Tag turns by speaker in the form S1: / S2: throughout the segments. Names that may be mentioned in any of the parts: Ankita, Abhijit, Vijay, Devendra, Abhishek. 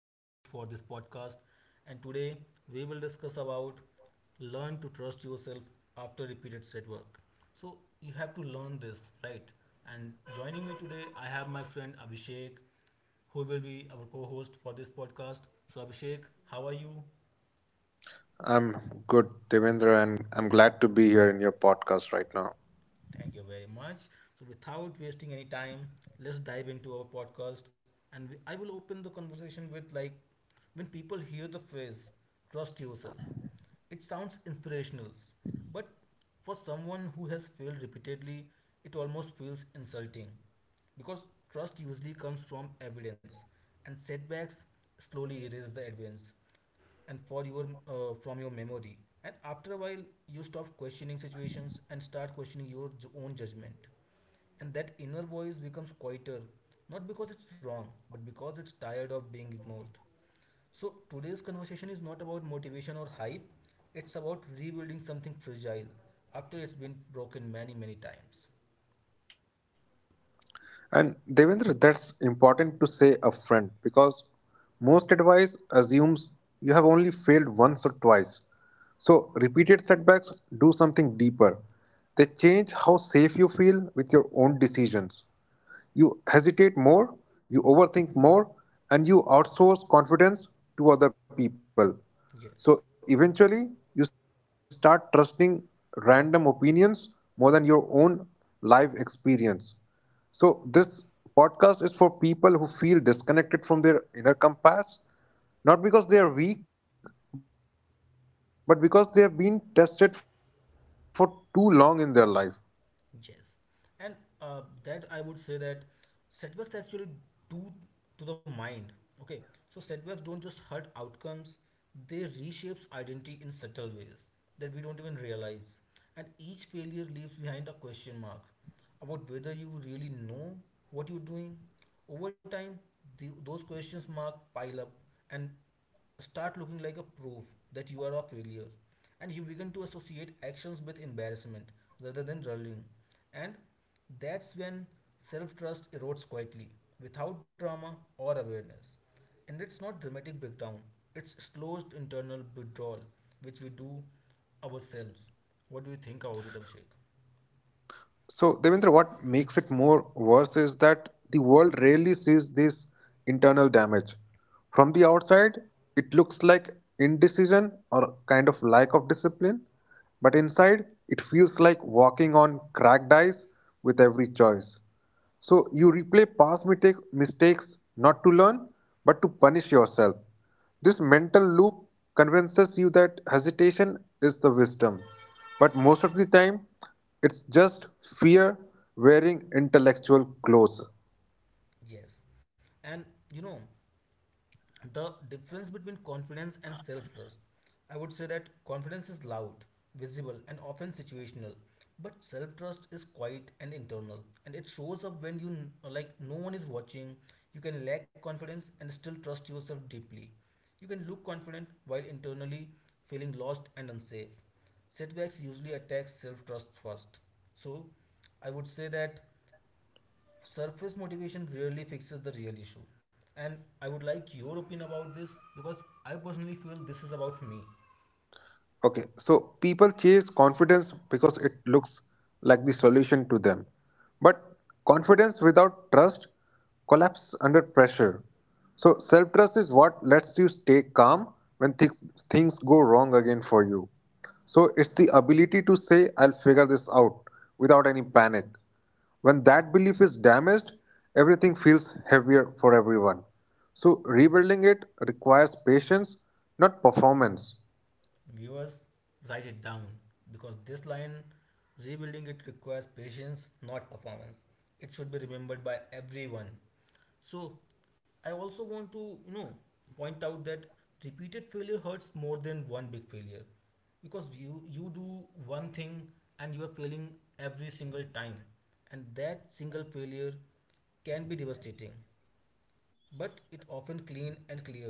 S1: your host for this podcast, and today we will discuss about learn to trust yourself after repeated set work. So you have to learn this, right? And joining me today, I have my friend Abhishek, who will be our co-host for this podcast. So Abhishek, how are you?
S2: I'm good, Devendra, and I'm glad to be here in your podcast right now.
S1: Thank you very much. So, without wasting any time, let's dive into our podcast. And I will open the conversation with when people hear the phrase trust yourself, it sounds inspirational, but for someone who has failed repeatedly, it almost feels insulting because trust usually comes from evidence, and setbacks slowly erase the evidence and for your from your memory. And after a while you stop questioning situations and start questioning your own judgment, and that inner voice becomes quieter, not because it's wrong but because it's tired of being ignored. So today's conversation is not about motivation or hype, it's about rebuilding something fragile after it's been broken many, many times.
S2: And Devendra, that's important to say upfront because most advice assumes you have only failed once or twice. So, repeated setbacks do something deeper. They change how safe you feel with your own decisions. You hesitate more, you overthink
S1: Hmm.
S2: more, and you outsource confidence to other people. So
S1: Yes.
S2: eventually, you start trusting random opinions more than your own life experience. So, this podcast is for people who feel disconnected from their inner compass, not because they are weak, but because they have been tested for too long in their life.
S1: Yes, and that I would say that setbacks actually do to the mind. Okay, so setbacks don't just hurt outcomes; they reshapes identity in subtle ways that we don't even realize. And each failure leaves behind a question mark about whether you really know what you're doing. Over time, those questions mark pile up, and start looking like a proof that you are a failure, and you begin to associate actions with embarrassment rather than rallying. And that's when self-trust erodes quietly without drama or awareness. And it's not dramatic breakdown, it's slow internal withdrawal, which we do ourselves. What do you think about it, Abhishek?
S2: So, Devendra, what makes it more worse is that the world rarely sees this internal damage. From the outside, it looks like indecision or kind of lack of discipline, but inside, it feels like walking on cracked ice with every choice. So, you replay mistakes not to learn, but to punish yourself. This mental loop convinces you that hesitation is the wisdom, but most of the time, it's just fear wearing intellectual clothes.
S1: Yes, and you know the difference between confidence and self trust. I would say that confidence is loud, visible, and often situational, but self trust is quiet and internal, and it shows up when you like no one is watching. You can lack confidence and still trust yourself deeply. You can look confident while internally feeling lost and unsafe. Setbacks usually attack self trust first. So, I would say that surface motivation rarely fixes the real issue, and I would like your opinion about this because I personally feel this is about me.
S2: Okay, so people chase confidence because it looks like the solution to them. But confidence without trust collapses under pressure. So self trust is what lets you stay calm when things go wrong again for you. So it's the ability to say, I'll figure this out without any panic. When that belief is damaged, everything feels heavier for everyone. So rebuilding it requires patience, not performance.
S1: Viewers, write it down, because this line, rebuilding it requires patience, not performance. It should be remembered by everyone. So, I also want to point out that repeated failure hurts more than one big failure, because you do one thing and you are failing every single time. And that single failure can be devastating, but it often clean and clear.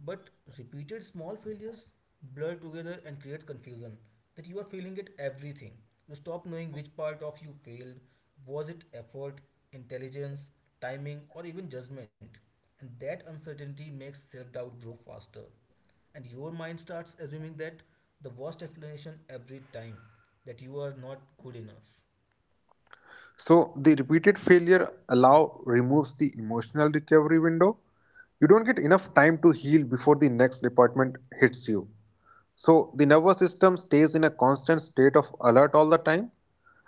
S1: But repeated small failures blur together and create confusion that you are failing at everything. You stop knowing which part of you failed. Was it effort, intelligence, timing, or even judgment? And that uncertainty makes self doubt grow faster. And your mind starts assuming that the worst explanation every time, that you are not good enough.
S2: So the repeated failure allow removes the emotional recovery window. You don't get enough time to heal before the next department hits you. So the nervous system stays in a constant state of alert all the time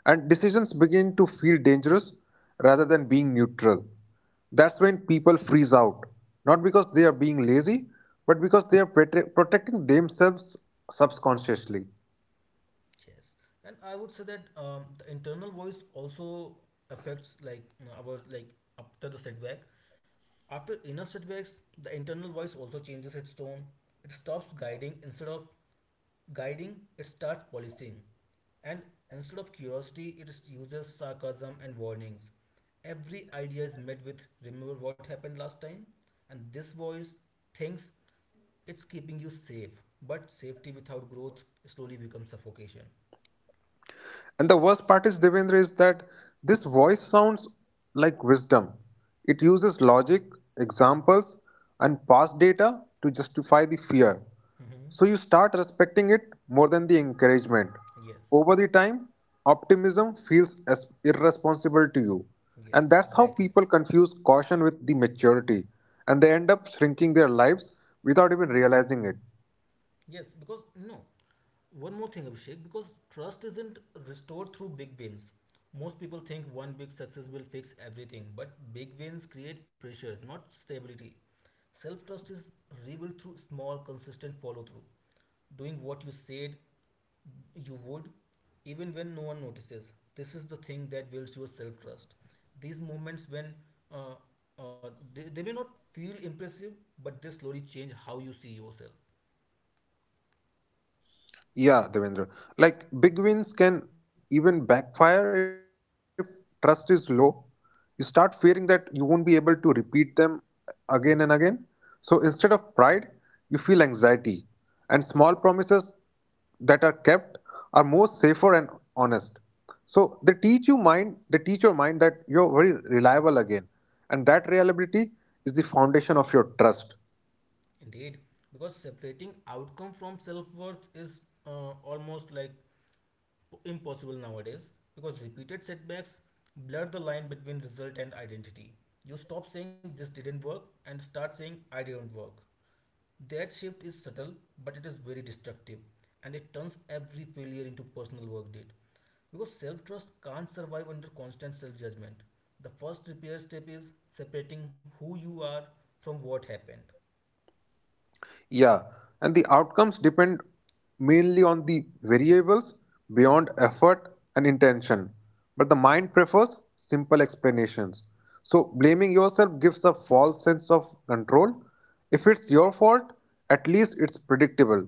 S2: and decisions begin to feel dangerous rather than being neutral. That's when people freeze out, not because they are being lazy, but because they are protecting themselves subconsciously.
S1: Yes, and I would say that the internal voice also affects our after the setback. After enough setbacks, the internal voice also changes its tone. It stops guiding. Instead of guiding, it starts policing, and instead of curiosity, uses sarcasm and warnings. Every idea is met with "Remember what happened last time," and this voice thinks it's keeping you safe, but safety without growth slowly becomes suffocation.
S2: And the worst part is, Devendra, is that this voice sounds like wisdom. It uses logic, examples, and past data to justify the fear.
S1: Mhm.
S2: So you start respecting it more than the encouragement.
S1: Yes.
S2: Over the time, optimism feels as irresponsible to you. And
S1: Yes,
S2: that's how
S1: exactly.
S2: people confuse caution with the maturity. And they end up shrinking their lives without even realizing it.
S1: Yes, because no. One more thing, Abhishek, because trust isn't restored through big wins. Most people think one big success will fix everything, but big wins create pressure, not stability. Self trust is rebuilt through small, consistent follow through. Doing what you said you would, even when no one notices. This is the thing that builds your self trust. These moments when uh, they may not feel impressive, but they slowly change how you see yourself.
S2: Yeah, Devendra. Like big wins can even backfire if trust is low. You start fearing that you won't be able to repeat them again and again. So instead of pride, you feel anxiety. And small promises that are kept are more safer and honest. So they teach your mind that you're very reliable again. And that reliability is the foundation of your trust.
S1: Indeed, because separating outcome from self worth is almost like impossible nowadays, because repeated setbacks blur the line between result and identity. You stop saying this didn't work and start saying I didn't work. That shift is subtle but it is very destructive, and it turns every failure into personal work did. Because self trust can't survive under constant self judgment. The first repair step is separating who you are from what happened.
S2: Yeah, and the outcomes depend mainly on the variables beyond effort and intention. But the mind prefers simple explanations. So, blaming yourself gives a false sense of control. If it's your fault, at least it's predictable.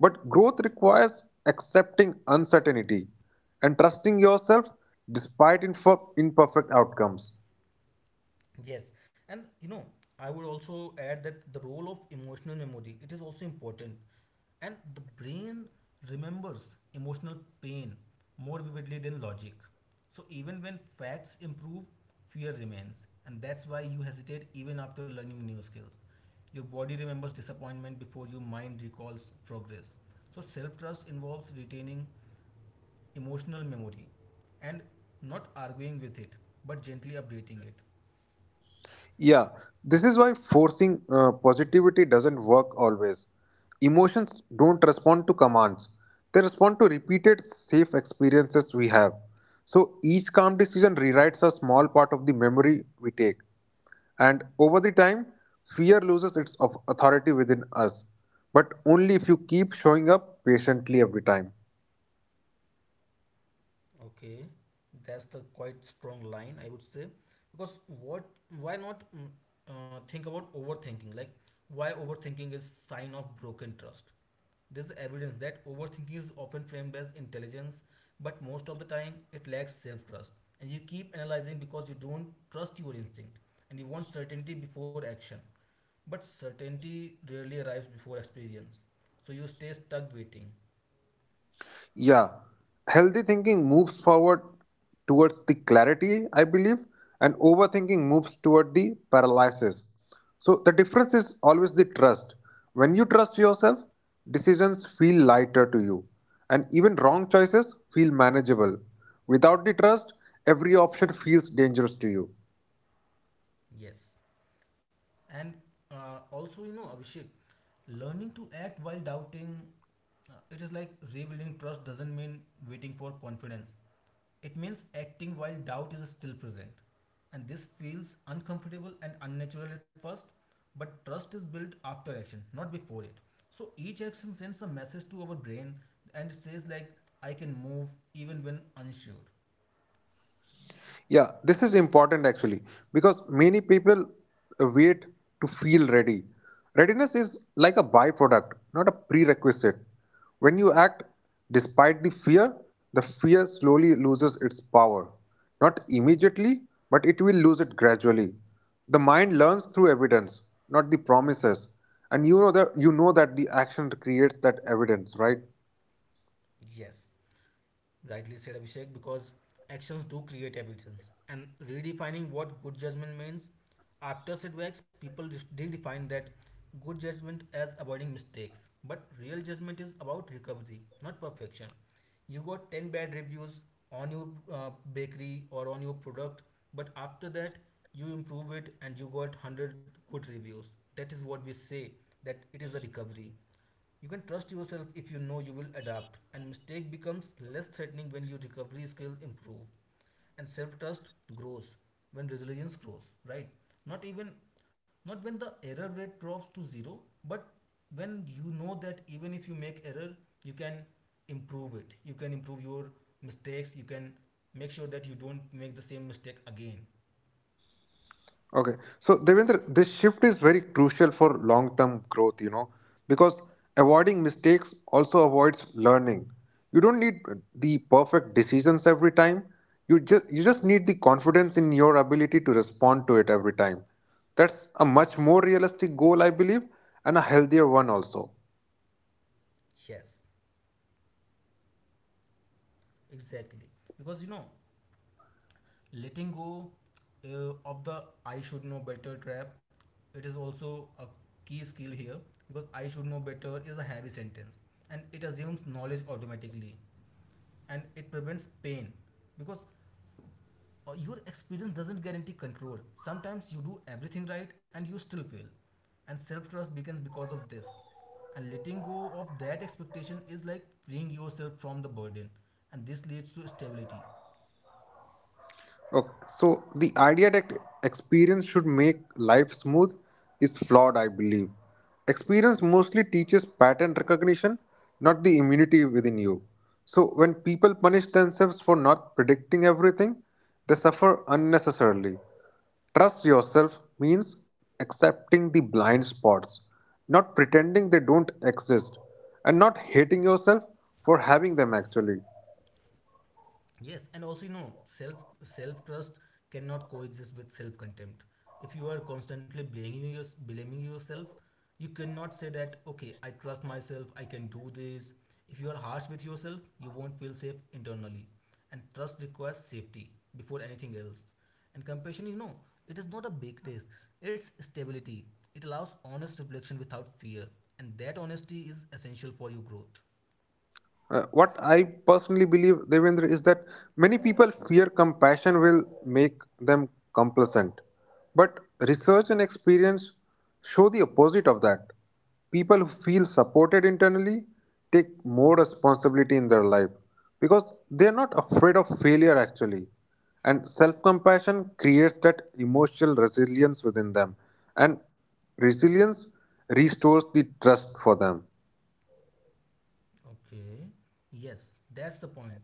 S2: But growth requires accepting uncertainty and trusting yourself despite imperfect outcomes.
S1: Yes, and you know, I would also add that the role of emotional memory it is also important, and the brain remembers emotional pain more vividly than logic. So even when facts improve, fear remains, and that's why you hesitate even after learning new skills. Your body remembers disappointment before your mind recalls progress. So self trust involves retaining emotional memory and not arguing with it, but gently updating it.
S2: Yeah, this is why forcing positivity doesn't work always. Emotions don't respond to commands, they respond to repeated safe experiences we have. So each calm decision rewrites a small part of the memory we take. And over the time, fear loses its of authority within us, but only if you keep showing up patiently every time.
S1: Okay, that's the quite strong line I would say. Because what, why not think about overthinking. Like why overthinking is sign of broken trust. There's evidence that overthinking is often framed as intelligence, but most of the time it lacks self-trust. And you keep analyzing because you don't trust your instinct, and you want certainty before action, but certainty rarely arrives before experience, so you stay stuck waiting.
S2: Yeah, healthy thinking moves forward towards the clarity, I believe, and overthinking moves toward the paralysis. So the difference is always the trust. When you trust yourself, decisions feel lighter to you, and even wrong choices feel manageable. Without the trust, every option feels dangerous to you.
S1: Yes. And also, you know, Abhishek, learning to act while doubting, it is like rebuilding trust doesn't mean waiting for confidence. It means acting while doubt is still present. And this feels uncomfortable and unnatural at first, but trust is built after action, not before it. So each action sends a message to our brain and it says, like, I can move even when unsure.
S2: Yeah, this is important actually because many people wait to feel ready. Readiness is like a byproduct, not a prerequisite. When you act despite the fear slowly loses its power. Not immediately, but it will lose it gradually. The mind learns through evidence, not the promises. And you know that the action creates that evidence, right?
S1: Yes. Rightly said, Abhishek, because actions do create evidence. And redefining what good judgment means, after setbacks, people redefine that good judgment as avoiding mistakes. But real judgment is about recovery, not perfection. You got 10 bad reviews on your bakery or on your product, but after that, you improve it and you got 100 good reviews. That is what we say, that it is a recovery. You can trust yourself if you know you will adapt, and mistake becomes less threatening when your recovery skills improve, and self trust grows when resilience grows. Right? Not even, not when the error rate drops to zero, but when you know that even if you make error, you can improve it. You can improve your mistakes. You can make sure that you don't make the same mistake again.
S2: Okay. So, Devendra, this shift is very crucial for long term growth, you know, because avoiding mistakes also avoids learning. You don't need the perfect decisions every time. You just need the confidence in your ability to respond to it every time. That's a much more realistic goal, I believe, and a healthier one also.
S1: Yes, exactly. Because you know, letting go of the I should know better trap, it is also a key skill here. Because I should know better is a heavy sentence, and it assumes knowledge automatically and it prevents pain, because your experience doesn't guarantee control. Sometimes you do everything right and you still fail, and self trust begins because of this. And letting go of that expectation is like freeing yourself from the burden, and this leads to stability.
S2: Okay. So the idea that experience should make life smooth is flawed, I believe. Experience mostly teaches pattern recognition, not the immunity within you. So when people punish themselves for not predicting everything, they suffer unnecessarily. Trust yourself means accepting the blind spots, not pretending they don't exist, and not hating yourself for having them actually.
S1: Yes, and also you know, self trust cannot coexist with self contempt. If you are constantly blaming yourself, you cannot say that okay, I trust myself, I can do this. If you are harsh with yourself, you won't feel safe internally, and trust requires safety before anything else. And compassion, you know, it is not a big race; it's stability. It allows honest reflection without fear, and that honesty is essential for your growth.
S2: What I personally believe, Devendra, is that many people fear compassion will make them complacent. But research and experience show the opposite of that. People who feel supported internally take more responsibility in their life because they are not afraid of failure actually. And self compassion creates that emotional resilience within them, and resilience restores the trust for them.
S1: Okay. Yes, that's the point.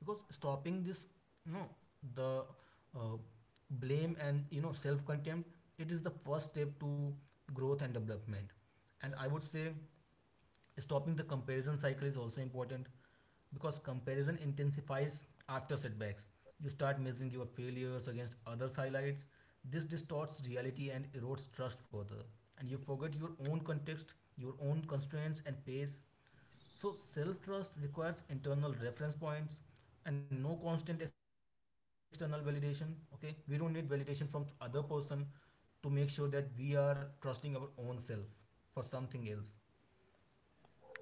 S1: Because stopping this, no, the uh, blame and you know self-contempt, it is the first step to growth and development. And I would say stopping the comparison cycle is also important, because comparison intensifies after setbacks. You start measuring your failures against others' highlights. This distorts reality and erodes trust further. And you forget your own context, your own constraints and pace. So self trust requires internal reference points and no constant external validation. Okay, we don't need validation from other person to make sure that we are trusting our own self for something else.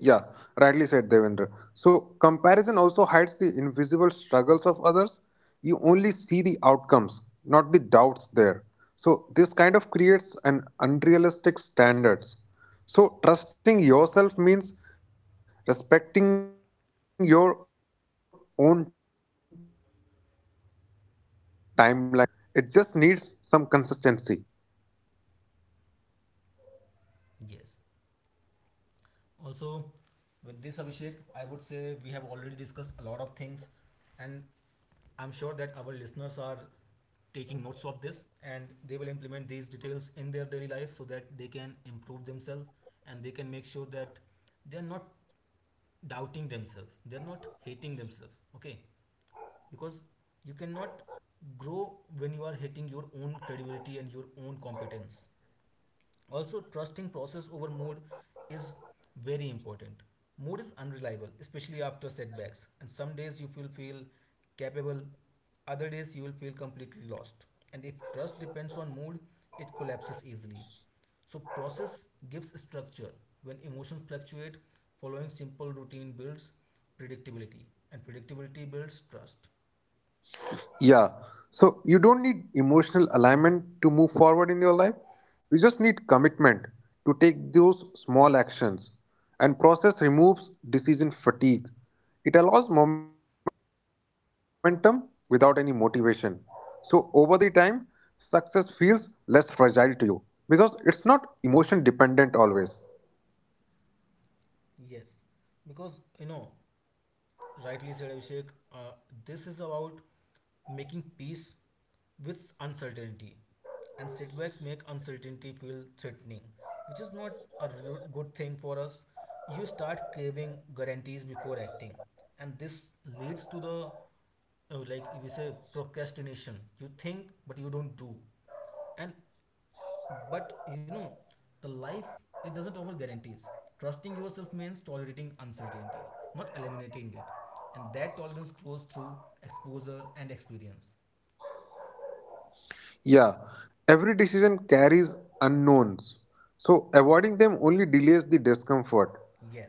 S2: Yeah, rightly said Devendra. So, comparison also hides the invisible struggles of others. You only see the outcomes, not the doubts there. So, this kind of creates an unrealistic standards. So, trusting yourself means respecting your own timeline here. And progress doesn't need witnesses to be real. It just needs some consistency.
S1: Yes. Also, with this Abhishek, I would say we have already discussed a lot of things, and I'm sure that our listeners are taking notes of this, and they will implement these details in their daily life so that they can improve themselves, and they can make sure that they are not doubting themselves, they're not hating themselves. Okay, because you cannot grow when you are hating your own credibility and your own competence. Also, trusting process over mood is very important. Mood is unreliable, especially after setbacks, and some days you will feel capable, other days you will feel completely lost. And if trust depends on mood, it collapses easily. So process gives structure. When emotions fluctuate, following simple routine builds predictability, and predictability builds trust.
S2: Yeah. So you don't need emotional alignment to move forward in your life. You just need commitment to take those small actions. And process removes decision fatigue. It allows momentum without any motivation. So over the time, success feels less fragile to you because it's not emotion dependent always.
S1: Yes, because you know, rightly said Abhishek, uh, this is about making peace with uncertainty. And setbacks make uncertainty feel threatening, which is not a good thing for us. You start craving guarantees before acting, and this leads to the like we say procrastination. You think, but you don't do, and but you know, the life it doesn't offer guarantees. Trusting yourself means tolerating uncertainty, not eliminating it. And that tolerance grows through exposure and experience.
S2: Yeah, every decision carries unknowns. So avoiding them only delays the discomfort.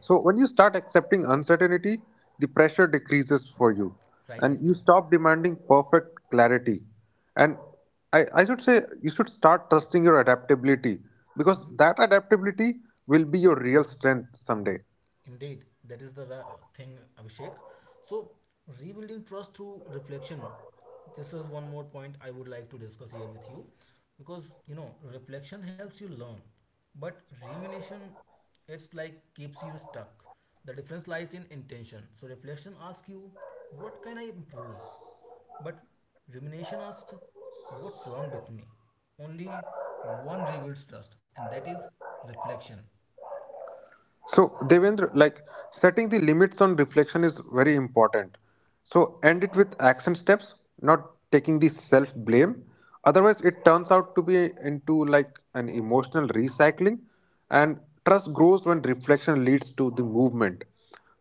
S2: So when you start accepting uncertainty, the pressure decreases for you
S1: Rightly
S2: and you
S1: so.
S2: stop demanding perfect clarity. And I should say you should start trusting your adaptability because
S1: Mhm.
S2: that adaptability will be your real strength someday.
S1: Indeed, that is the thing, Abhishek. So, rebuilding trust through reflection. This is one more point I would like to discuss here with you because reflection helps you learn, but rumination it's like keeps you stuck. The difference lies in intention. So, reflection asks you, what can I improve? But rumination asks, what's wrong with me? Only one rebuilds trust, and that is reflection.
S2: So, Devendra, like setting the limits on reflection is very important. So, end it with action steps, not taking the self blame. Otherwise, it turns out to be into like an emotional recycling, and trust grows when reflection leads to the movement.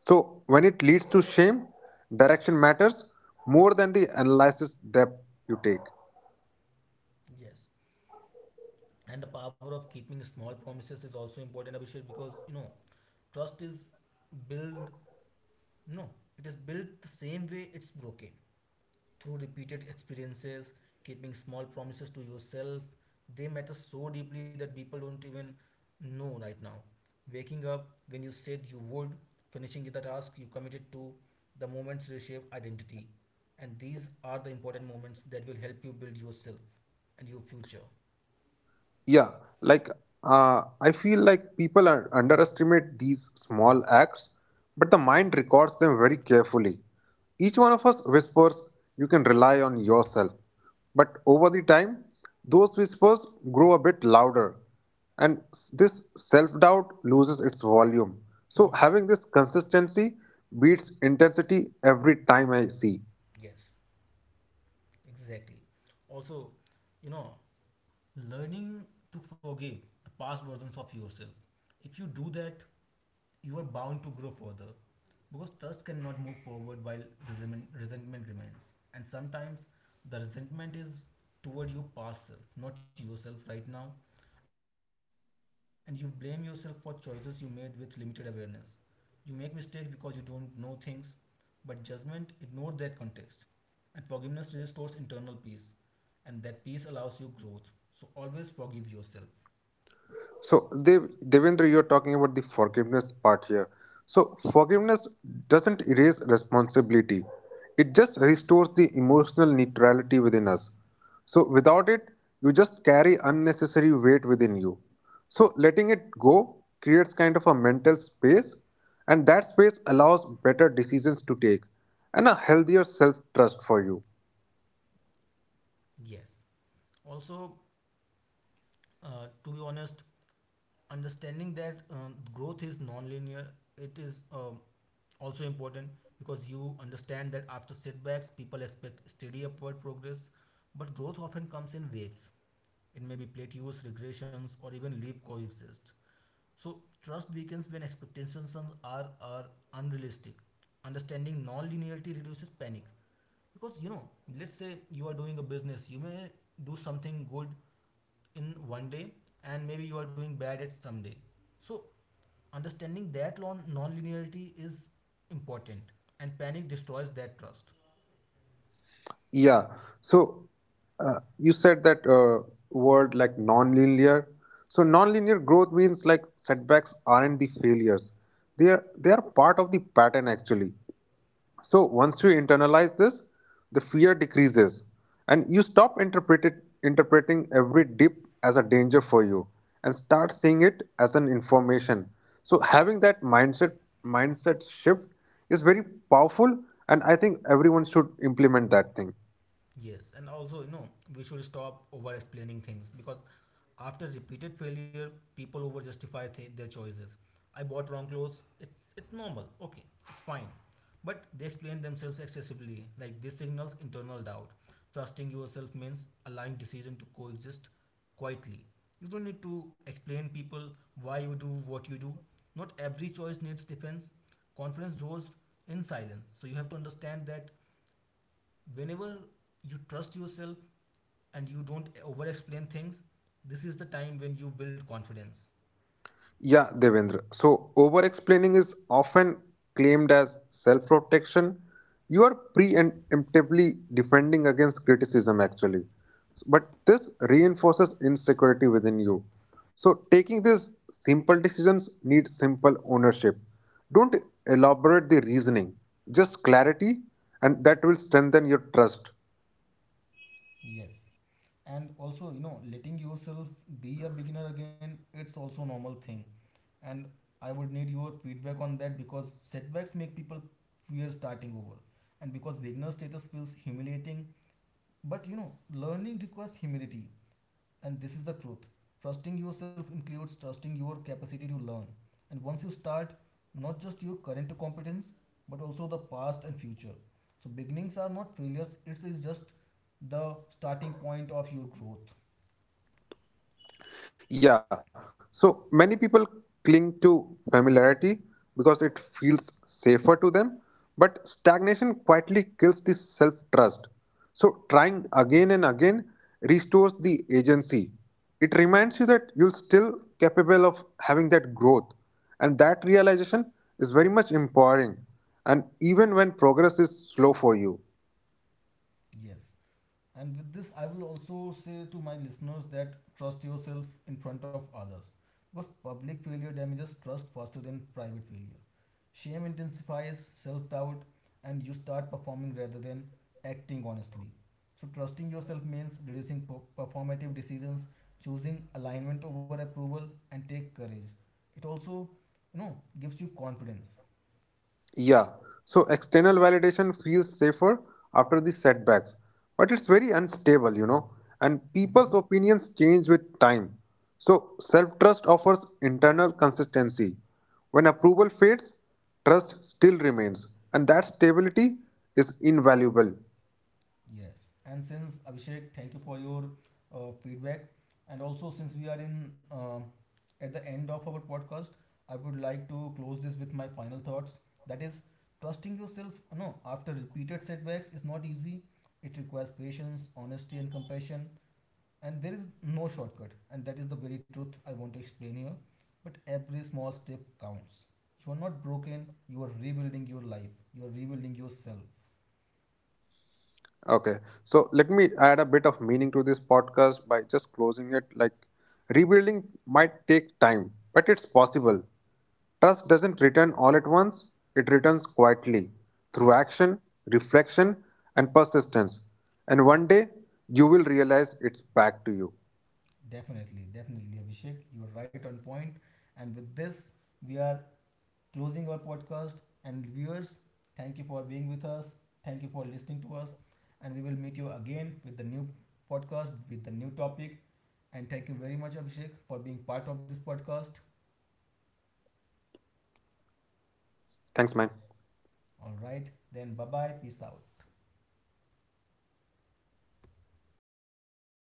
S2: So, when it leads to shame, direction matters more than the analysis depth you take.
S1: Yes. And the power of keeping small promises is also important, Abhishek, because you know, trust is built. No, it is built the same way it's broken, through repeated experiences. Keeping small promises to yourself, they matter so deeply that people don't even know right now. Waking up when you said you would, finishing the task you committed to, the moments reshape identity. And these are the important moments that will help you build yourself and your future.
S2: Yeah, like I feel like people underestimate these small acts, but the mind records them very carefully. Each one of us whispers, you can rely on yourself. But over the time, those whispers grow a bit louder, and this self doubt loses its volume. So,
S1: Hmm.
S2: having this consistency beats intensity every time I see.
S1: Yes. Exactly. Also, you know, learning to forgive the past versions of yourself. If you do that, you are bound to grow further because trust cannot move forward while resentment remains. And sometimes the resentment is toward your past self, not yourself right now. And you blame yourself for choices you made with limited awareness. You make mistakes because you don't know things, but judgment ignored that context. And forgiveness restores internal peace, and that peace allows you growth. So always forgive yourself.
S2: So, Devendra, you're talking about the forgiveness part here. So, forgiveness doesn't erase responsibility, it just restores the emotional neutrality within us. So, without it, you just carry unnecessary weight within you. So, letting it go creates kind of a mental space, and that space allows better decisions to take and a healthier self trust for you.
S1: Yes. Also, to be honest, understanding that growth is non-linear, it is also important, because you understand that after setbacks people expect steady upward progress, but growth often comes in waves. It may be plateaus, regressions, or even leap coexist. So trust weakens when expectations are unrealistic. Understanding non-linearity reduces panic because, you know, let's say you are doing a business, you may do something good in one day and maybe you are doing bad at some day. So understanding that linearity is important, and panic destroys that trust.
S2: Yeah. So you said that word like nonlinear. So nonlinear growth means like setbacks aren't the failures. They are part of the pattern actually. So once you internalize this, the fear decreases and you stop interpreting every dip as a danger for you and start seeing it as an information. So having that mindset shift is very powerful and I think everyone should implement that thing.
S1: Yes, and also, you know, we should stop over explaining things because after repeated failure, people over justify their choices. I bought wrong clothes. It's normal. Okay, it's fine. But they explain themselves excessively. Like this signals internal doubt. Trusting yourself means allowing decision to coexist quietly. You don't need to explain people why you do what you do. Not every choice needs defense. Confidence grows in silence. So you have to understand that whenever you trust yourself and you don't over explain things, this is the time when you build confidence.
S2: Yeah, Devendra. So, over explaining is often claimed as self protection. You are preemptively defending against criticism, actually. But this reinforces insecurity within you. So, taking these simple decisions needs simple ownership. Don't elaborate the reasoning, just clarity, and that will strengthen your trust.
S1: Yes. And also, you know, letting yourself be a beginner again, it's also normal thing. And I would need your feedback on that because setbacks make people fear starting over. And because beginner status feels humiliating, but you know, learning requires humility. And this is the truth. Trusting yourself includes trusting your capacity to learn. And once you start, not just your current competence, but also the past and future. So beginnings are not failures, it is just the starting point of your growth.
S2: Yeah. So many people cling to familiarity because it feels safer to them, but stagnation quietly kills the self trust. So trying again and again restores the agency. It reminds you that you're still capable of having that growth, and that realization is very much empowering, and even when progress is slow for you.
S1: Yes. And with this, I will also say to my listeners that trust yourself in front of others because public failure damages trust faster than private failure. Shame intensifies self doubt, and you start performing rather than acting honestly. So, trusting yourself means reducing performative decisions, choosing alignment over approval, and take courage. It also, you know, gives you confidence.
S2: Yeah, so external validation feels safer after the setbacks, but it's very unstable, you know, and
S1: Mhm.
S2: people's opinions change with time. So self trust offers internal consistency. When approval fades, trust still remains, and that stability is invaluable.
S1: Yes, and since Abhishek, thank you for your feedback, and also since we are in at the end of our podcast, I would like to close this with my final thoughts. That is, trusting yourself. No, after repeated setbacks is not easy. It requires patience, honesty, and compassion, and there is no shortcut. And that is the very truth I want to explain here. But every small step counts. You are not broken. You are rebuilding your life. You are rebuilding yourself.
S2: Okay, so let me add a bit of meaning to this podcast by just closing it. Like, rebuilding might take time, but it's possible. Trust doesn't return all at once, it returns quietly through
S1: Yes.
S2: action, reflection, and persistence. And one day, you will realize it's back to you.
S1: Definitely, definitely, Abhishek. You're right on point. And with this, we are closing our podcast. And viewers, thank you for being with us. Thank you for listening to us. And we will meet you again with the new podcast, with the new topic. And thank you very much, Abhishek, for being part of this podcast.
S2: Thanks, man.
S1: All right, then bye bye. Peace out.